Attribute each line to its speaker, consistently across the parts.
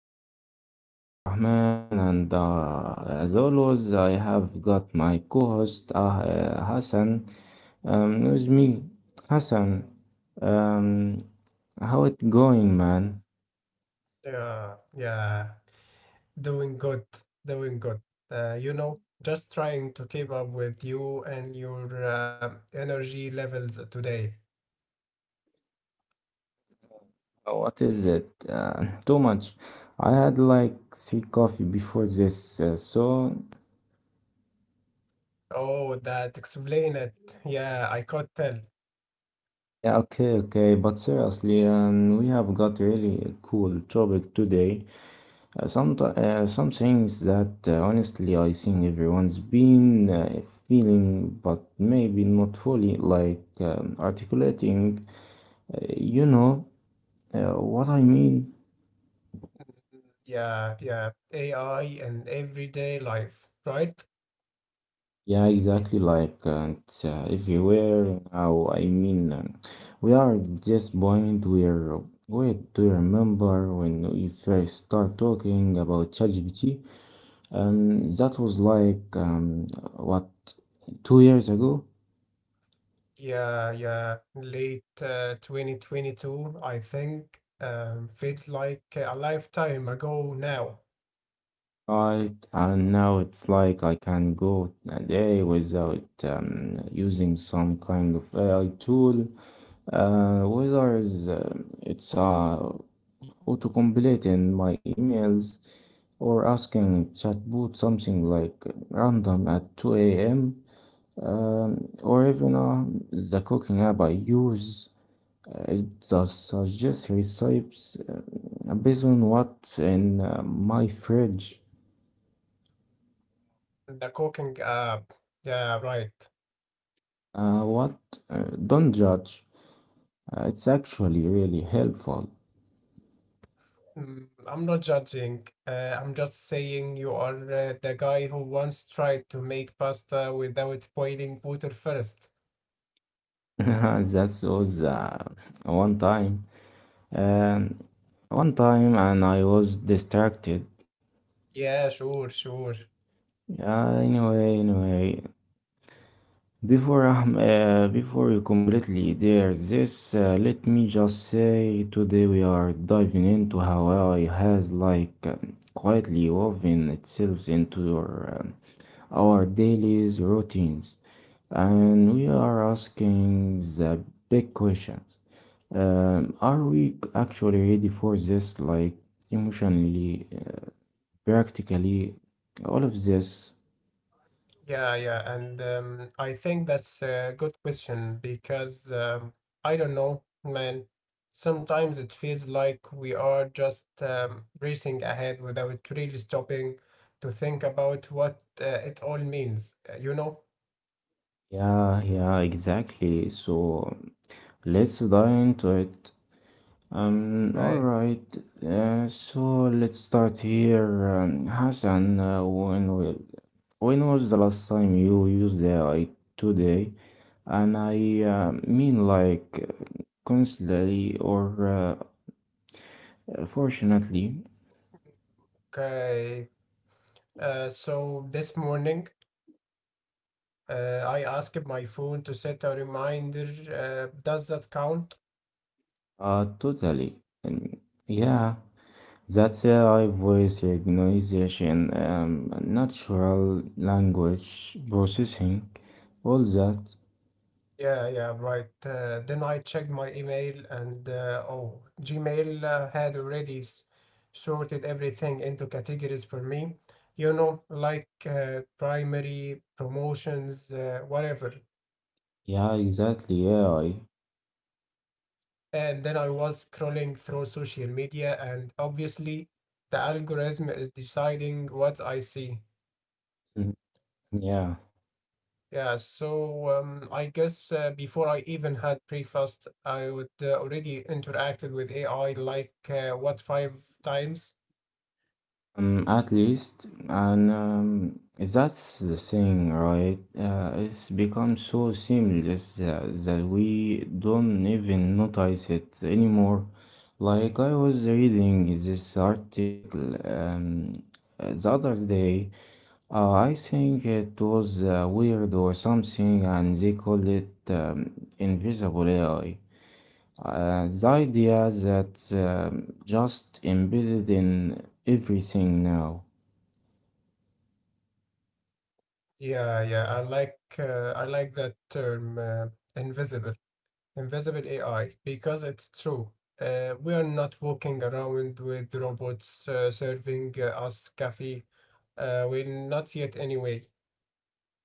Speaker 1: and Tomorrow. I'm Abdurrahman, and as always, I have got my co host Hassan with me. Hassan, um, how it going, man?
Speaker 2: Yeah, yeah, doing good, doing good. You know, just trying to keep up with you and your energy levels today.
Speaker 1: What is it? Too much. I had like three coffee before this, so.
Speaker 2: Oh, that explain it. Yeah, I could tell.
Speaker 1: Yeah, okay, okay, but seriously, we have got really a cool topic today. Some things that honestly I think everyone's been feeling, but maybe not fully, articulating. You know what I mean?
Speaker 2: Mm, yeah, yeah, AI and everyday life, right?
Speaker 1: Yeah, exactly. It's everywhere now. We are at this point where. Wait, do you remember when we first start talking about ChatGPT? That was like what 2 years ago.
Speaker 2: Yeah, yeah, late 2022, I think. Feels like a lifetime ago now.
Speaker 1: Right, and now it's like I can go a day without using some kind of AI tool, whether is, it's auto-completing my emails or asking chatbot something like random at 2 a.m. Or even the cooking app I use, it just suggests recipes based on what's in my fridge.
Speaker 2: The cooking app. Yeah, right.
Speaker 1: What? Don't judge. It's actually really helpful.
Speaker 2: I'm not judging. I'm just saying you are the guy who once tried to make pasta without boiling water first.
Speaker 1: that was uh, one time. Um, one time, and I was distracted.
Speaker 2: Yeah, sure, sure.
Speaker 1: Anyway, before before you completely dare this, let me just say today we are diving into how AI has quietly woven itself into our daily routines, and we are asking the big questions. Are we actually ready for this, like emotionally, practically, all of this?
Speaker 2: Yeah, yeah. And I think that's a good question because I don't know, man. Sometimes it feels like we are just racing ahead without really stopping to think about what it all means, uh?
Speaker 1: Yeah, yeah, exactly. So, let's dive into it. Um,
Speaker 2: Like,
Speaker 1: alright, uh, so let's start here. Hassan, when was the last time you used AI today? And I mean, like, constantly or fortunately,
Speaker 2: so this morning, I asked my phone to set a reminder. Does that count?
Speaker 1: totally. And yeah, that's AI voice recognition, natural language processing, all that.
Speaker 2: Yeah, yeah, right. Then I checked my email and Gmail had already sorted everything into categories for me. You know, like primary, promotions, whatever.
Speaker 1: Yeah, exactly. AI.
Speaker 2: And then I was scrolling through social media, and obviously, the algorithm is deciding what I see.
Speaker 1: Mhm. Yeah.
Speaker 2: Yeah, so I guess before I even had breakfast, I would already interacted with AI like what five times?
Speaker 1: At least, and that's the thing, right? It's become so seamless that we don't even notice it anymore. Like I was reading this article the other day. I think it was weird or something, and they call it invisible AI. The idea that just embedded in everything now.
Speaker 2: Yeah, yeah, I like that term uh, invisible, invisible AI because it's true. We are not walking around with robots serving us coffee. We're not yet anyway.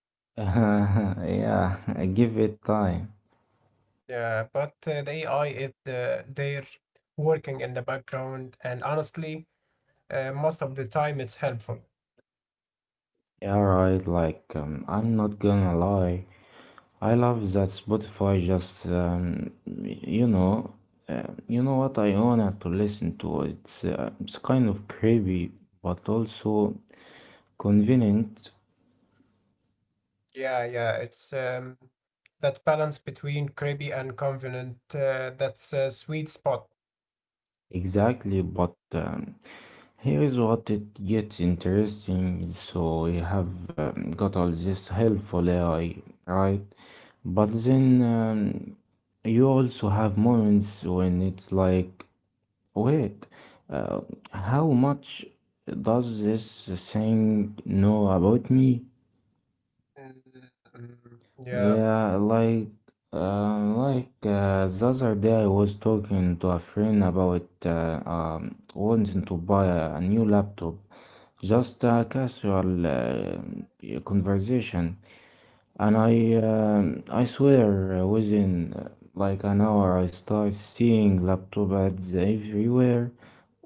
Speaker 1: yeah, give it time.
Speaker 2: Yeah, but the AI it uh, they're working in the background, and honestly. Most of the time it's helpful.
Speaker 1: Yeah, right. Like, I'm not gonna lie. I love that Spotify just, you know what I wanted to listen to. It's kind of creepy, but also convenient.
Speaker 2: Yeah, yeah, it's that balance between creepy and confident. That's a sweet spot.
Speaker 1: Exactly, but here's what it gets interesting. So you have got all this helpful AI, right? But then you also have moments when it's like, wait, uh, how much does this thing know about me?
Speaker 2: Mm, yeah,
Speaker 1: Yeah, like the other day I was talking to a friend about wanting to buy a new laptop. Just a casual conversation, and I swear within like an hour I start seeing laptop ads everywhere,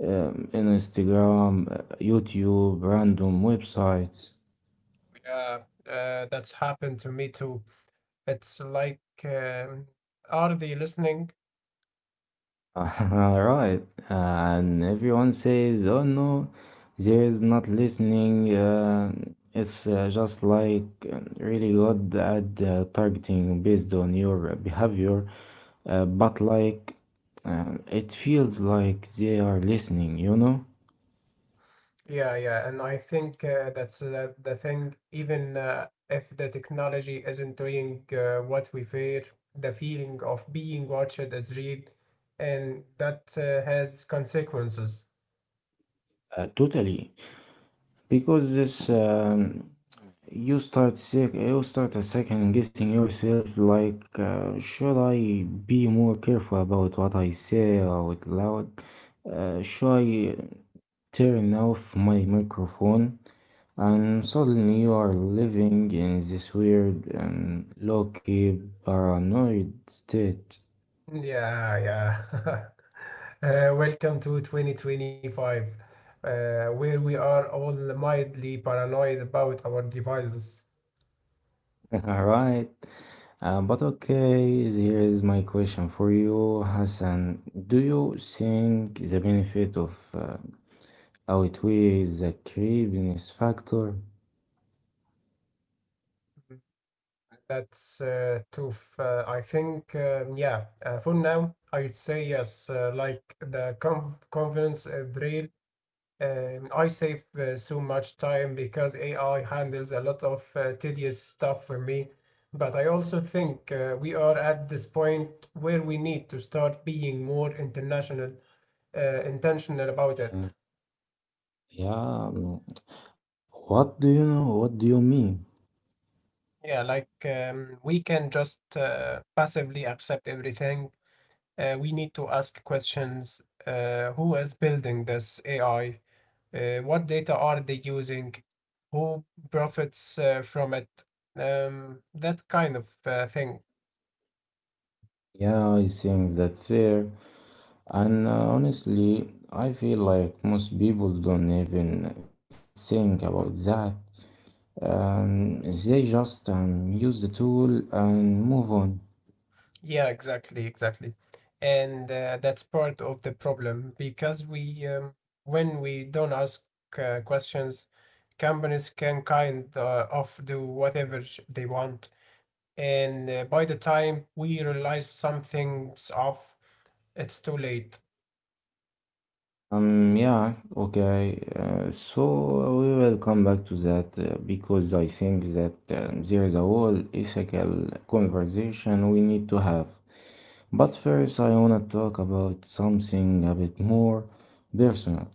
Speaker 1: in Instagram, YouTube, random websites.
Speaker 2: yeah, that's happened to me too. It's like, are they listening?
Speaker 1: Right, and everyone says, "Oh no, there is not listening." It's just like really good at targeting based on your behavior. But it feels like they are listening, you know,
Speaker 2: Yeah, yeah, and I think that's the thing. Even if the technology isn't doing what we fear, the feeling of being watched is real, and that has consequences.
Speaker 1: totally. Because you start you start a second guessing yourself. Like, should I be more careful about what I say out loud? Should I turn off my microphone? And suddenly you are living in this weird and low-key paranoid state.
Speaker 2: Yeah, yeah. Welcome to 2025, where we are all mildly paranoid about our devices.
Speaker 1: All right. But okay, here is my question for you, Hassan. Do you think the benefit of outweighs the creepiness factor?
Speaker 2: That's tough. I think, yeah, for now, I'd say yes. Like the confidence drill, I save so much time because AI handles a lot of tedious stuff for me. But I also think we are at this point where we need to start being more intentional about
Speaker 1: Uh,
Speaker 2: it.
Speaker 1: yeah. What do you know? What do you mean?
Speaker 2: Yeah, like we can just passively accept everything. We need to ask questions. Who is building this AI? What data are they using? Who profits from it? That kind of thing.
Speaker 1: Yeah, I think that's fair. And honestly, I feel like most people don't even think about that. They just use the tool and move on.
Speaker 2: Yeah, exactly, exactly. And that's part of the problem because when we don't ask questions, companies can kind of do whatever they want, and by the time we realize something's off, it's too late.
Speaker 1: Yeah, okay. So we will come back to that because I think that there is a whole ethical conversation we need to have. But first, I want to talk about something a bit more personal.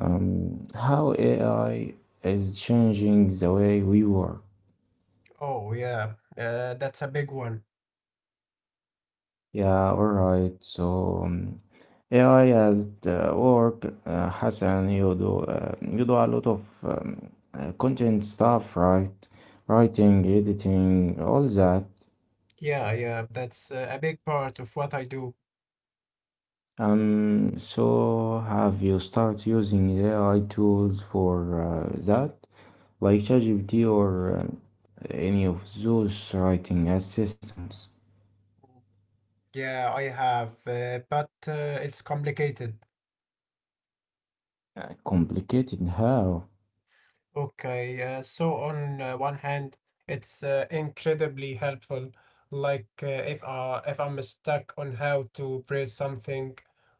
Speaker 1: How AI is changing the way we work.
Speaker 2: Oh, yeah, that's a big one.
Speaker 1: Yeah, all right. So, AI at work, Hassan, you do a lot of content stuff, right? Writing, editing, all that.
Speaker 2: Yeah, yeah, that's a big part of what I do.
Speaker 1: So have you start using AI tools for that, like ChatGPT or any of those writing assistants?
Speaker 2: Yeah, I have, but it's complicated.
Speaker 1: Complicated how?
Speaker 2: Okay, so on one hand, it's incredibly helpful. Like if I'm stuck on how to praise something,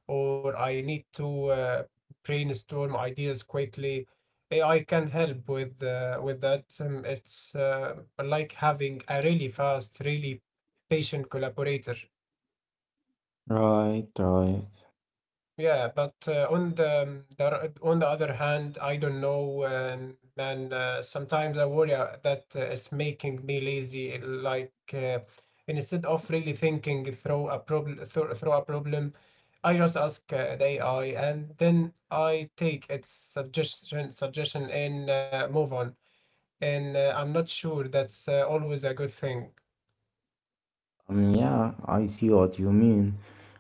Speaker 2: or I need to brainstorm ideas quickly, AI can help with that. It's like having a really fast, really patient collaborator.
Speaker 1: Right, right.
Speaker 2: Yeah, but on the other hand, I don't know, man. Sometimes I worry that it's making me lazy. Like instead of really thinking through a problem, I just ask the AI, and then I take its suggestion and move on. And I'm not sure that's always a good thing.
Speaker 1: Yeah, I see what you mean.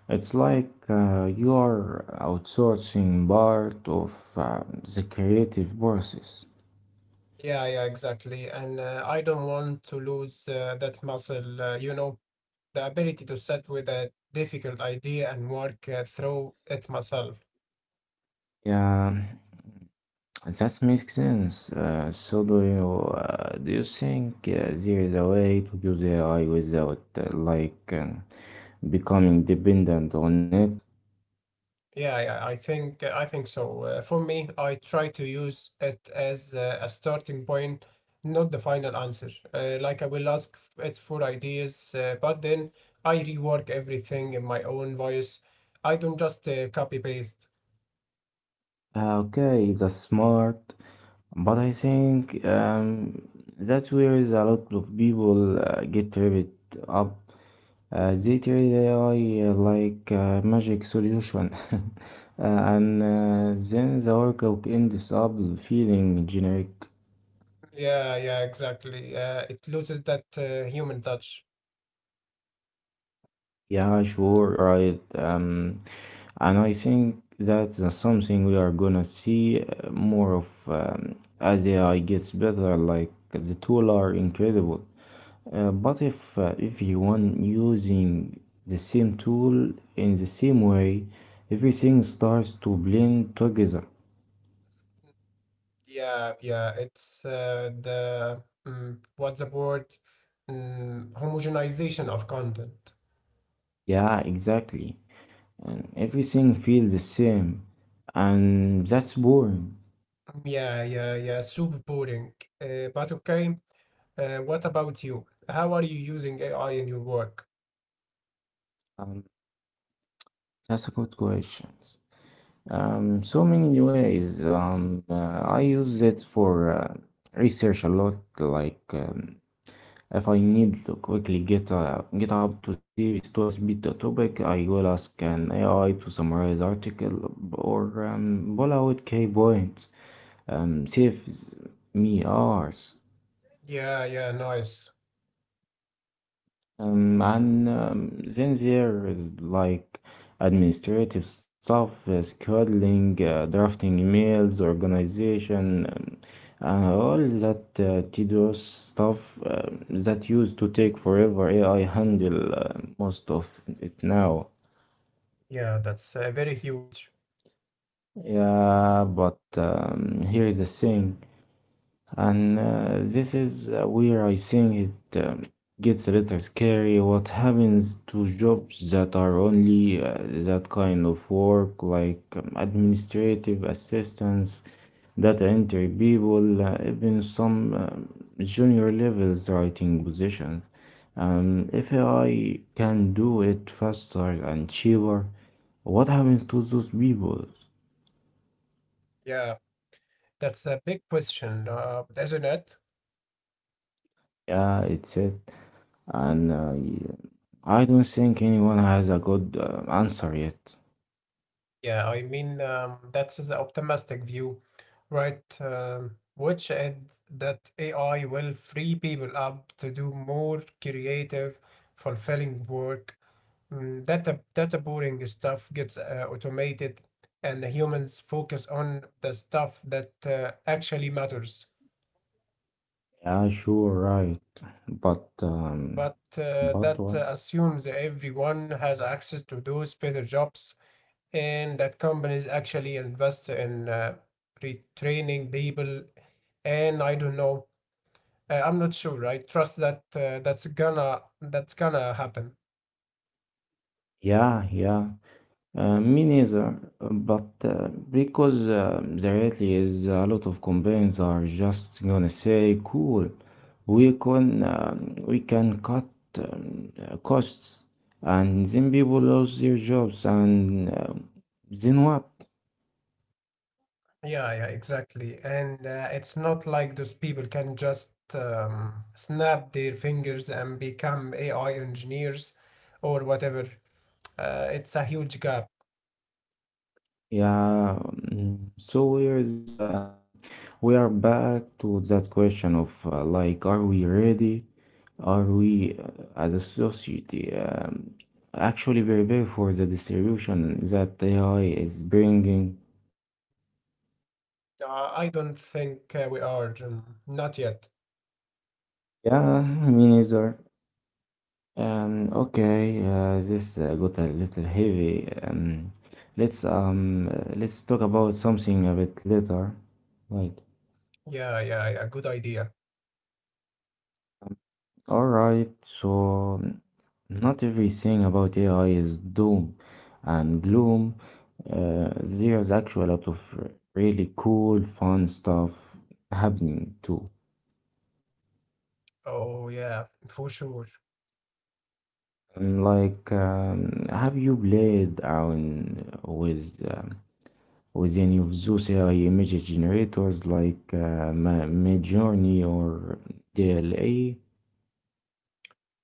Speaker 1: It's like you are outsourcing part of the creative process.
Speaker 2: Yeah, yeah, exactly. And I don't want to lose that muscle, you know, the ability to sit with a difficult idea and work through it myself.
Speaker 1: Yeah, that makes sense. So do you think there is a way to use AI without becoming dependent on it?
Speaker 2: Yeah, yeah, I think so. For me, I try to use it as a starting point, not the final answer. Like I will it for ideas, but then I rework everything in my own voice. I don't just copy paste.
Speaker 1: Okay, that's smart, but I think that's where a lot of people get tripped up. They treat AI like a magic solution. And then the workbook ends up feeling generic.
Speaker 2: Yeah, yeah, exactly. It loses that human touch.
Speaker 1: Yeah, sure, right. And I think that's something we are gonna see more of as AI gets better. Like the tool are incredible, but if you want using the same tool in the same way, everything starts to blend together.
Speaker 2: Yeah, yeah, it's what's the word? Homogenization of content.
Speaker 1: Yeah, exactly. And everything feels the same, and that's boring.
Speaker 2: Mm, yeah, yeah, yeah, super boring. But okay, what about you? How are you using AI in your work?
Speaker 1: Um, that's a good question. So many ways. I use it for research a lot. Like if I need to quickly get up to series to speed the topic, I will ask an AI to summarize article or pull out key points. Saves me hours.
Speaker 2: Yeah, yeah, nice.
Speaker 1: And then there is like administrative stuff, scheduling, drafting emails, organization, and all that tedious stuff that used to take forever. AI handle most of it now.
Speaker 2: Yeah, that's very huge.
Speaker 1: Yeah, but here is the thing. And this is where I think it gets a little scary. What happens to jobs that are only that kind of work, like administrative assistants, data entry people, even some junior levels writing positions? If AI can do it faster and cheaper, what happens to those people?
Speaker 2: Yeah, that's a big question, isn't it?
Speaker 1: Yeah, it's it. And I don't think anyone has a good answer yet.
Speaker 2: Yeah, I mean, that's the optimistic view, right? Which is that AI will free people up to do more creative, fulfilling work. Mm, that data boring stuff gets automated, and the humans focus on the stuff that actually matters.
Speaker 1: Yeah, sure, right. But
Speaker 2: But uh,
Speaker 1: but
Speaker 2: that
Speaker 1: what?
Speaker 2: uh, assumes everyone has access to those better jobs, and that companies actually invest in retraining people, and I don't know, I'm not sure I trust that that's gonna that's gonna happen.
Speaker 1: Yeah, yeah. Me neither. But because the reality is a lot of companies are just gonna say, cool, we can cut costs, and then people lose their jobs, and then what?
Speaker 2: Yeah, yeah, exactly, and it's not like those people can just snap their fingers and become AI engineers or whatever. It's a huge gap.
Speaker 1: Yeah, so here's we are back to that question of like, are we ready? Are we as a society actually prepared for the distribution that AI is bringing?
Speaker 2: I don't think we are not yet.
Speaker 1: Yeah, me neither. Okay, this got a little heavy. Let's let's talk about something a bit later. Right.
Speaker 2: Yeah, yeah, yeah, good idea.
Speaker 1: All right. So not everything about AI is doom and gloom. There's actually a lot of really cool, fun stuff happening too.
Speaker 2: Oh yeah, for sure.
Speaker 1: Like, have you played around with any of those AI image generators like Midjourney or DLA?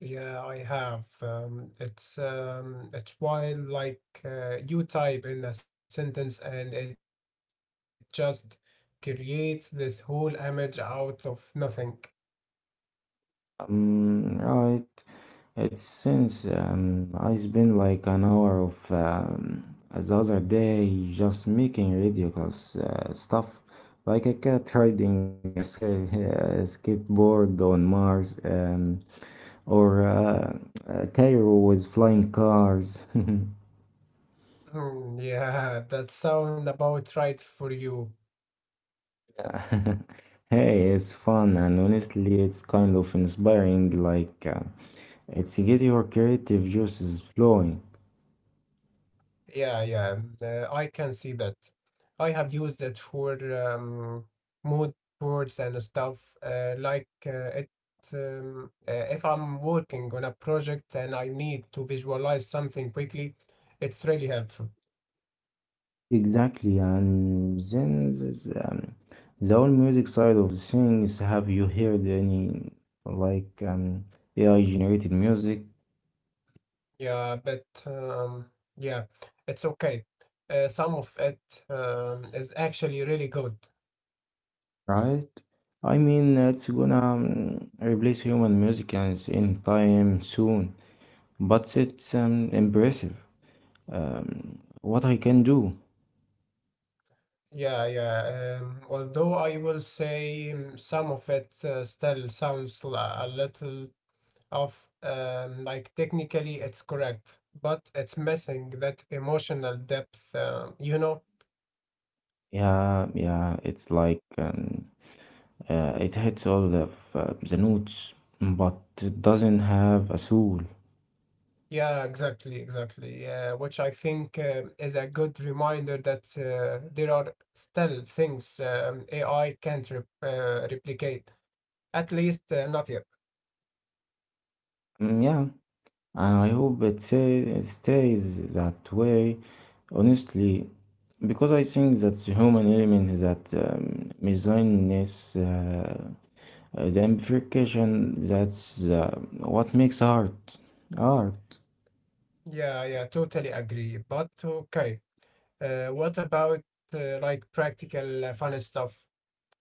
Speaker 2: Yeah, I have. It's it's wild. Like you type in a sentence and it just creates this whole image out of nothing.
Speaker 1: Right. It's since I spent like an hour of the other day just making ridiculous stuff, like a cat riding a skateboard on Mars, or Cairo with flying cars.
Speaker 2: Hmm. Yeah, that sound about right for you.
Speaker 1: Hey, it's fun, and honestly, it's kind of inspiring. Like, it's get your creative juices flowing.
Speaker 2: Yeah, yeah. I can see that. I have used it for um, mood boards and stuff. If I'm working on a project and I need to visualize something quickly, it's really helpful.
Speaker 1: Exactly, and then there's, the whole music side of the things. Have you heard any like AI generated music,
Speaker 2: Yeah, but yeah, it's okay. Some of it is actually really good.
Speaker 1: right? I mean, it's gonna replace human music and in time soon, but it's impressive. What I can do?
Speaker 2: Yeah, yeah. Although I will say some of it still sounds li- a little of like technically it's correct, but it's missing that emotional depth, you know?
Speaker 1: Yeah, yeah, it's like it hits all of the notes, but it doesn't have a soul.
Speaker 2: Yeah, exactly, exactly. Yeah, which I think is a good reminder that there are still things AI can't replicate, at least not yet.
Speaker 1: Yeah, and I hope stays that way, honestly, because I think that the human element, that messiness, the amplification, that's what makes art art.
Speaker 2: Yeah, yeah, totally agree. But okay, what about like practical fun stuff?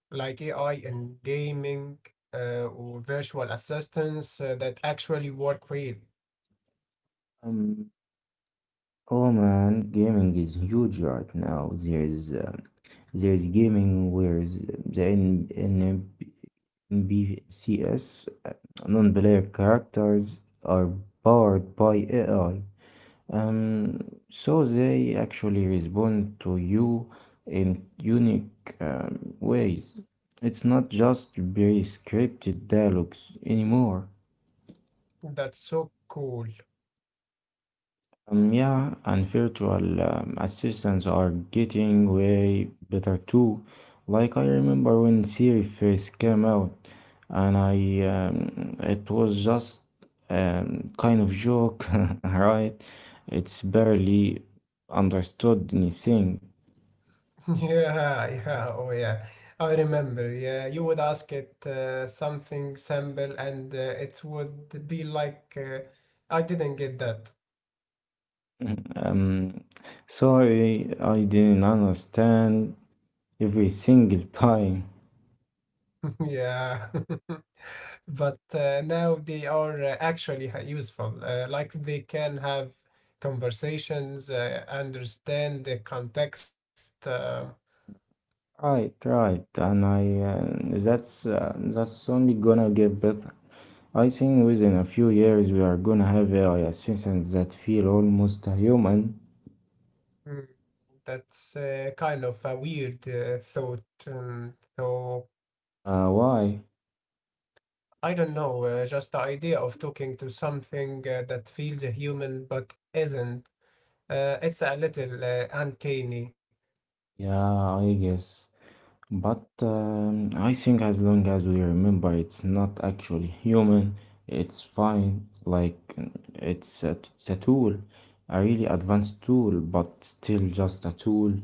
Speaker 2: Like AI in gaming or virtual assistants that actually work real.
Speaker 1: Um, oh man, gaming is huge right now. There's gaming where the NPCs, non-player characters, are powered by AI. Um, so they actually respond to you in unique ways. It's not just pre-scripted dialogues anymore.
Speaker 2: That's so cool.
Speaker 1: Yeah, and virtual assistants are getting way better too. Like I remember when Siri first came out, and I it was just kind of joke. Right? It's barely understood anything.
Speaker 2: Yeah, yeah, oh yeah. I remember. Yeah, you would ask it something simple and it would be like, I didn't get that.
Speaker 1: Um, Sorry, I didn't understand every single time.
Speaker 2: Yeah. But now they are actually useful. Like they can have conversations, understand the context.
Speaker 1: I tried, and I that's only gonna get better. I think within a few years we are gonna have AI assistants that feel almost human.
Speaker 2: Mm, That's kind of a weird thought.
Speaker 1: Why?
Speaker 2: I don't know, just the idea of talking to something that feels human but isn't. It's a little uncanny.
Speaker 1: Yeah, I guess. But I think as long as we remember it's not actually human, it's fine. Like it's a, it's a tool, a really advanced tool, but still just a tool.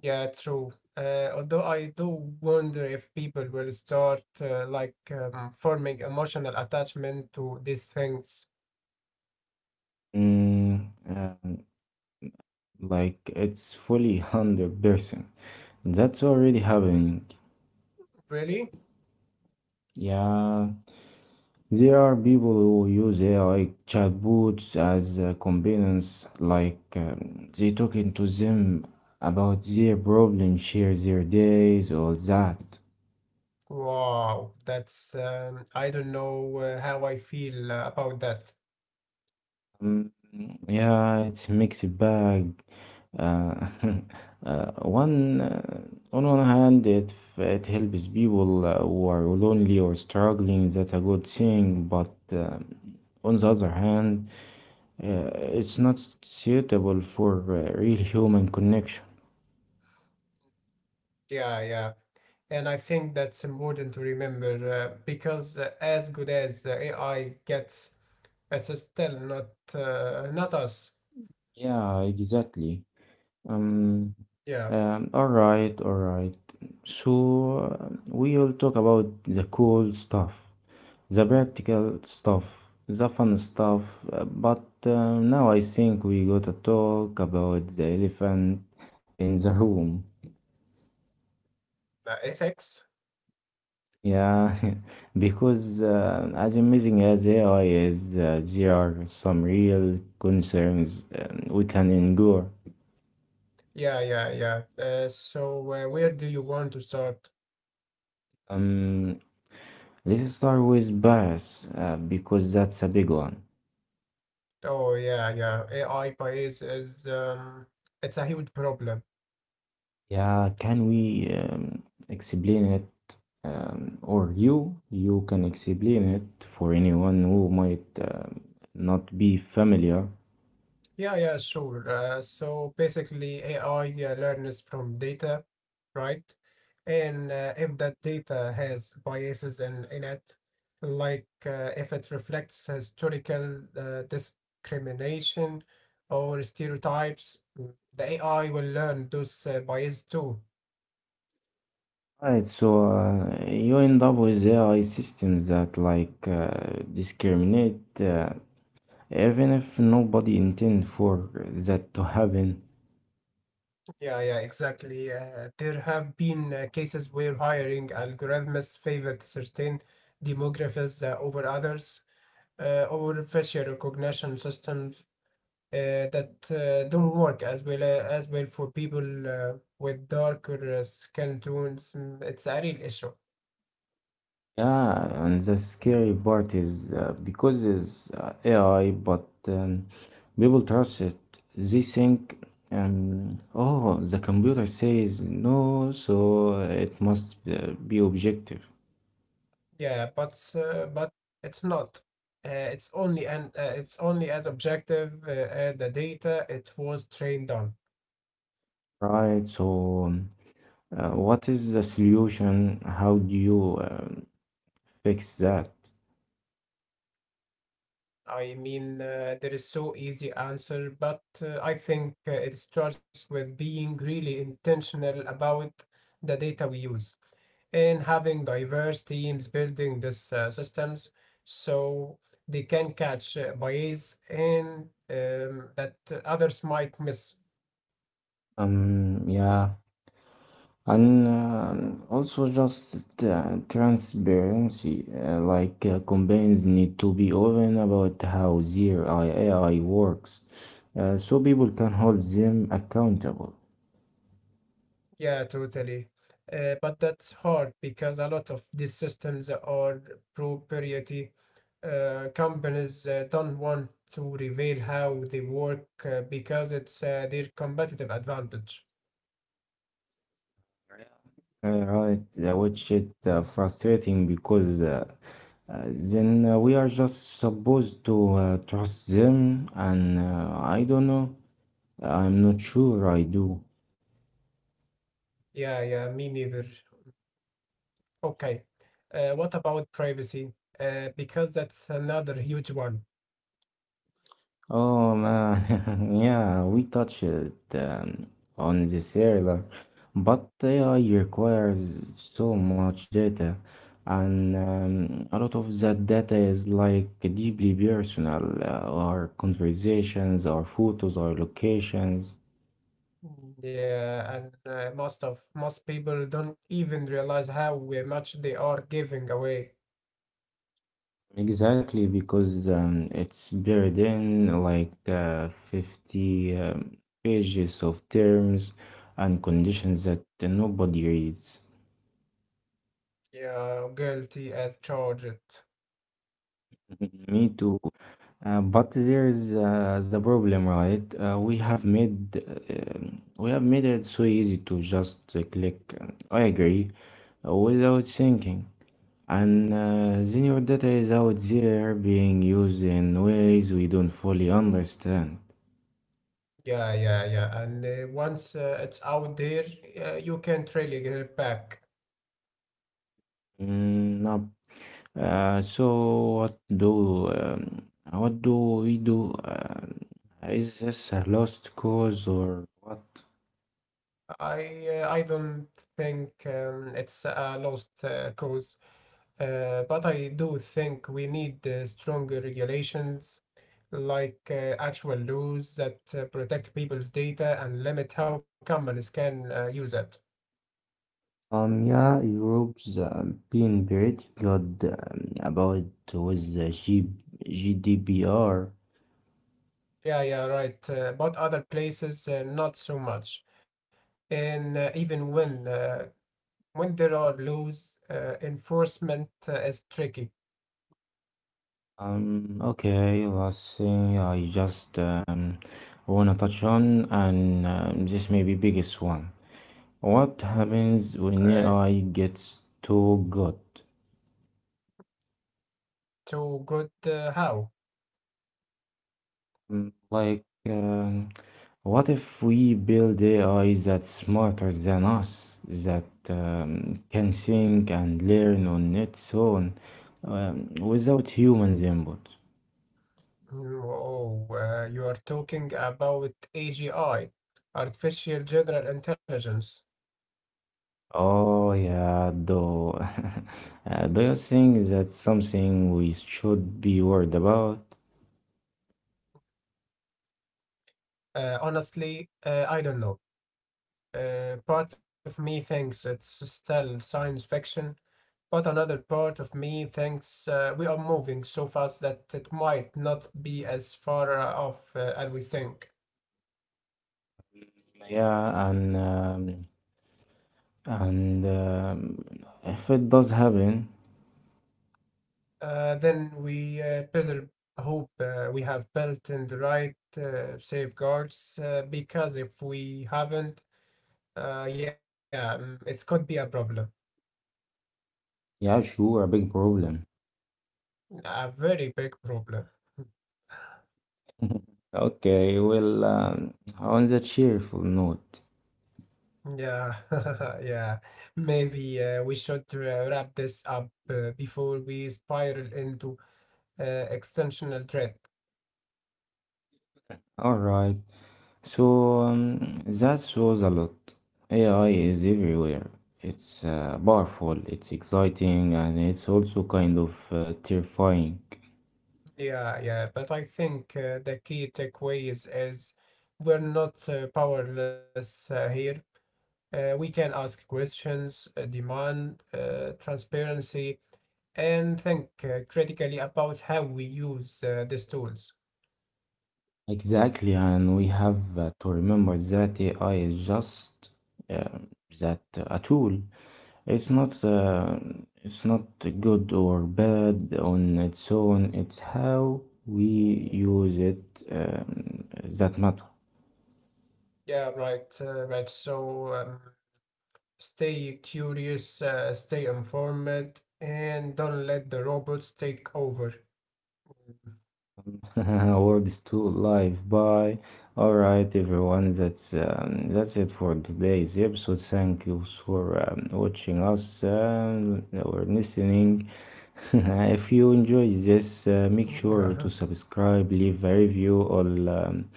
Speaker 2: Yeah, true. Although I do wonder if people will start forming emotional attachment to these things.
Speaker 1: Mm, um, like it's fully 100%. That's already happening.
Speaker 2: Really?
Speaker 1: Yeah, there are people who use AI chatbots as companions, like they talking to them about their problems, share their days, all that.
Speaker 2: Wow, that's I don't know how I feel about that.
Speaker 1: Mm, yeah, it's mixed bag. Uh, uh, one on one hand, it helps people who are lonely or struggling. That's a good thing, but on the other hand it's not suitable for real human connection.
Speaker 2: Yeah, yeah. And I think that's important to remember because as good as AI gets, it's still not us.
Speaker 1: Yeah, exactly. Um,
Speaker 2: Yeah.
Speaker 1: all right, all right. So we'll talk about the cool stuff, the practical stuff, the fun stuff. But now I think we gotta talk about the elephant in the room.
Speaker 2: Ethics.
Speaker 1: Yeah, because as amazing as AI is, there are some real concerns we can endure.
Speaker 2: Yeah, yeah, yeah. So where do you want to start?
Speaker 1: Um, let's start with bias, because that's a big one.
Speaker 2: Oh, yeah, yeah. AI bias is it's a huge problem.
Speaker 1: Yeah, can we explain it, or you can explain it for anyone who might not be familiar.
Speaker 2: Yeah, yeah, sure. So basically, AI learns from data, right? And if that data has biases in it, like if it reflects historical discrimination or stereotypes, the AI will learn those biases too.
Speaker 1: Right, so you end up with AI systems that like discriminate. Even if nobody intend for that to happen.
Speaker 2: Yeah, yeah, exactly. There have been cases where hiring algorithms favored certain demographics over others, or facial recognition systems that don't work as well for people with darker skin tones. Mm, it's a real issue.
Speaker 1: Yeah, and the scary part is because it's AI, but people trust it. They think, oh, the computer says no, so it must be objective,
Speaker 2: Yeah, but it's not. Uh, it's only as objective as the data it was trained on.
Speaker 1: right? So what is the solution? How do you fix that?
Speaker 2: I mean, there is so easy answer, but I think it starts with being really intentional about the data we use, and having diverse teams building these systems so they can catch bias and that others might miss.
Speaker 1: Yeah. And also just transparency, like companies need to be open about how their AI works, so people can hold them accountable.
Speaker 2: Yeah, totally. But that's hard because a lot of these systems are proprietary. Companies don't want to reveal how they work because it's their competitive advantage.
Speaker 1: Right, which is frustrating because then we are just supposed to trust them, and I don't know, I'm not sure I do.
Speaker 2: Yeah, yeah, me neither. Okay. What about privacy? Because that's another huge one.
Speaker 1: Oh man, yeah, we touched it on this earlier, but AI requires so much data, and a lot of that data is like deeply personal, our conversations, our photos, our locations.
Speaker 2: Mm, yeah, and most people don't even realize how much they are giving away.
Speaker 1: Exactly, because it's buried in like 50 pages of terms and conditions that nobody reads.
Speaker 2: Yeah, guilty as charged.
Speaker 1: Me too. But there's the problem, right? We have made we have made it so easy to just click I agree without thinking, and then your data is out there being used in ways we don't fully understand.
Speaker 2: Yeah, yeah, yeah. And once it's out there, you can't really get it back.
Speaker 1: Mm, no. So what do we do? Is this a lost cause or what?
Speaker 2: I don't think it's a lost cause, but I do think we need stronger regulations, like actual laws that protect people's data and limit how companies can use it.
Speaker 1: Yeah, Europe's been pretty good about with the G GDPR.
Speaker 2: Yeah, yeah, right. But other places, not so much. And even when there are laws, enforcement is tricky.
Speaker 1: Okay, last thing I just wanna touch on, and this may be biggest one. What happens when
Speaker 2: Uh,
Speaker 1: AI gets too good?
Speaker 2: to good how?
Speaker 1: Like, uh, what if we build AI that's smarter than us, that can think and learn on its own without humans' input?
Speaker 2: Oh, you are talking about AGI, artificial general intelligence.
Speaker 1: Oh, yeah, though. Do you think that's something we should be worried about?
Speaker 2: Honestly, I don't know. Part of me thinks it's still science fiction, but another part of me thinks we are moving so fast that it might not be as far off as we think.
Speaker 1: Yeah, and if it does happen,
Speaker 2: Then we better hope we have built in the right safeguards because if we haven't, yeah, it could be a problem,
Speaker 1: yeah, sure, a big problem.
Speaker 2: a very big problem.
Speaker 1: Okay, well, on the cheerful note,
Speaker 2: Yeah, yeah. Maybe we should wrap this up before we spiral into uh, extensional threat.
Speaker 1: all right. So that shows a lot. AI is everywhere. It's powerful, it's exciting, and it's also kind of terrifying.
Speaker 2: Yeah, yeah. But I think the key takeaways is we're not powerless here. We can ask questions, demand transparency, and think critically about how we use these tools.
Speaker 1: Exactly, and we have to remember that AI is just uh, that a tool. It's not, it's not good or bad on its own. It's how we use it that matters.
Speaker 2: Yeah, right, right. So stay curious, stay informed, and don't let the robots take over.
Speaker 1: World is too live. Bye. All right, everyone. That's that's it for today's episode. Thank you for watching us or listening. If you enjoy this, make sure to
Speaker 2: Yeah.
Speaker 1: subscribe, leave a review,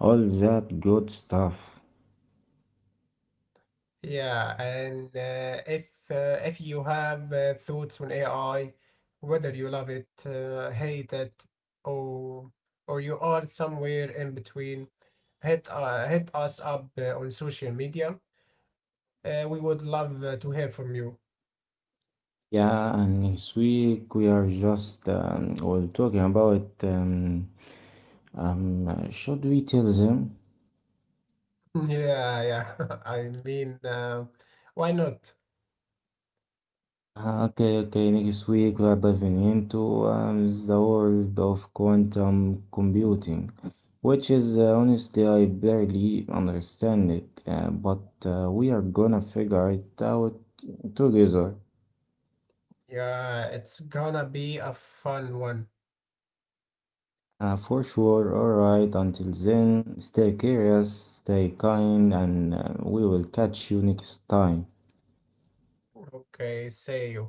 Speaker 1: all that good stuff.
Speaker 2: Yeah, and if you have thoughts on AI, whether you love it, hate it, or or you are somewhere in between, hit us up on social media. We would love to hear from you.
Speaker 1: Yeah, and next week we are just we talking about should we tell them?
Speaker 2: Yeah, yeah. I mean, why not?
Speaker 1: Ah, okay, okay. Next week we are diving into the world of quantum computing, which is honestly I barely understand it, but we are gonna figure it out together.
Speaker 2: Yeah, it's gonna be a fun one.
Speaker 1: For sure, alright. Until then, stay curious, stay kind, and we will catch you next time.
Speaker 2: Okay, see you.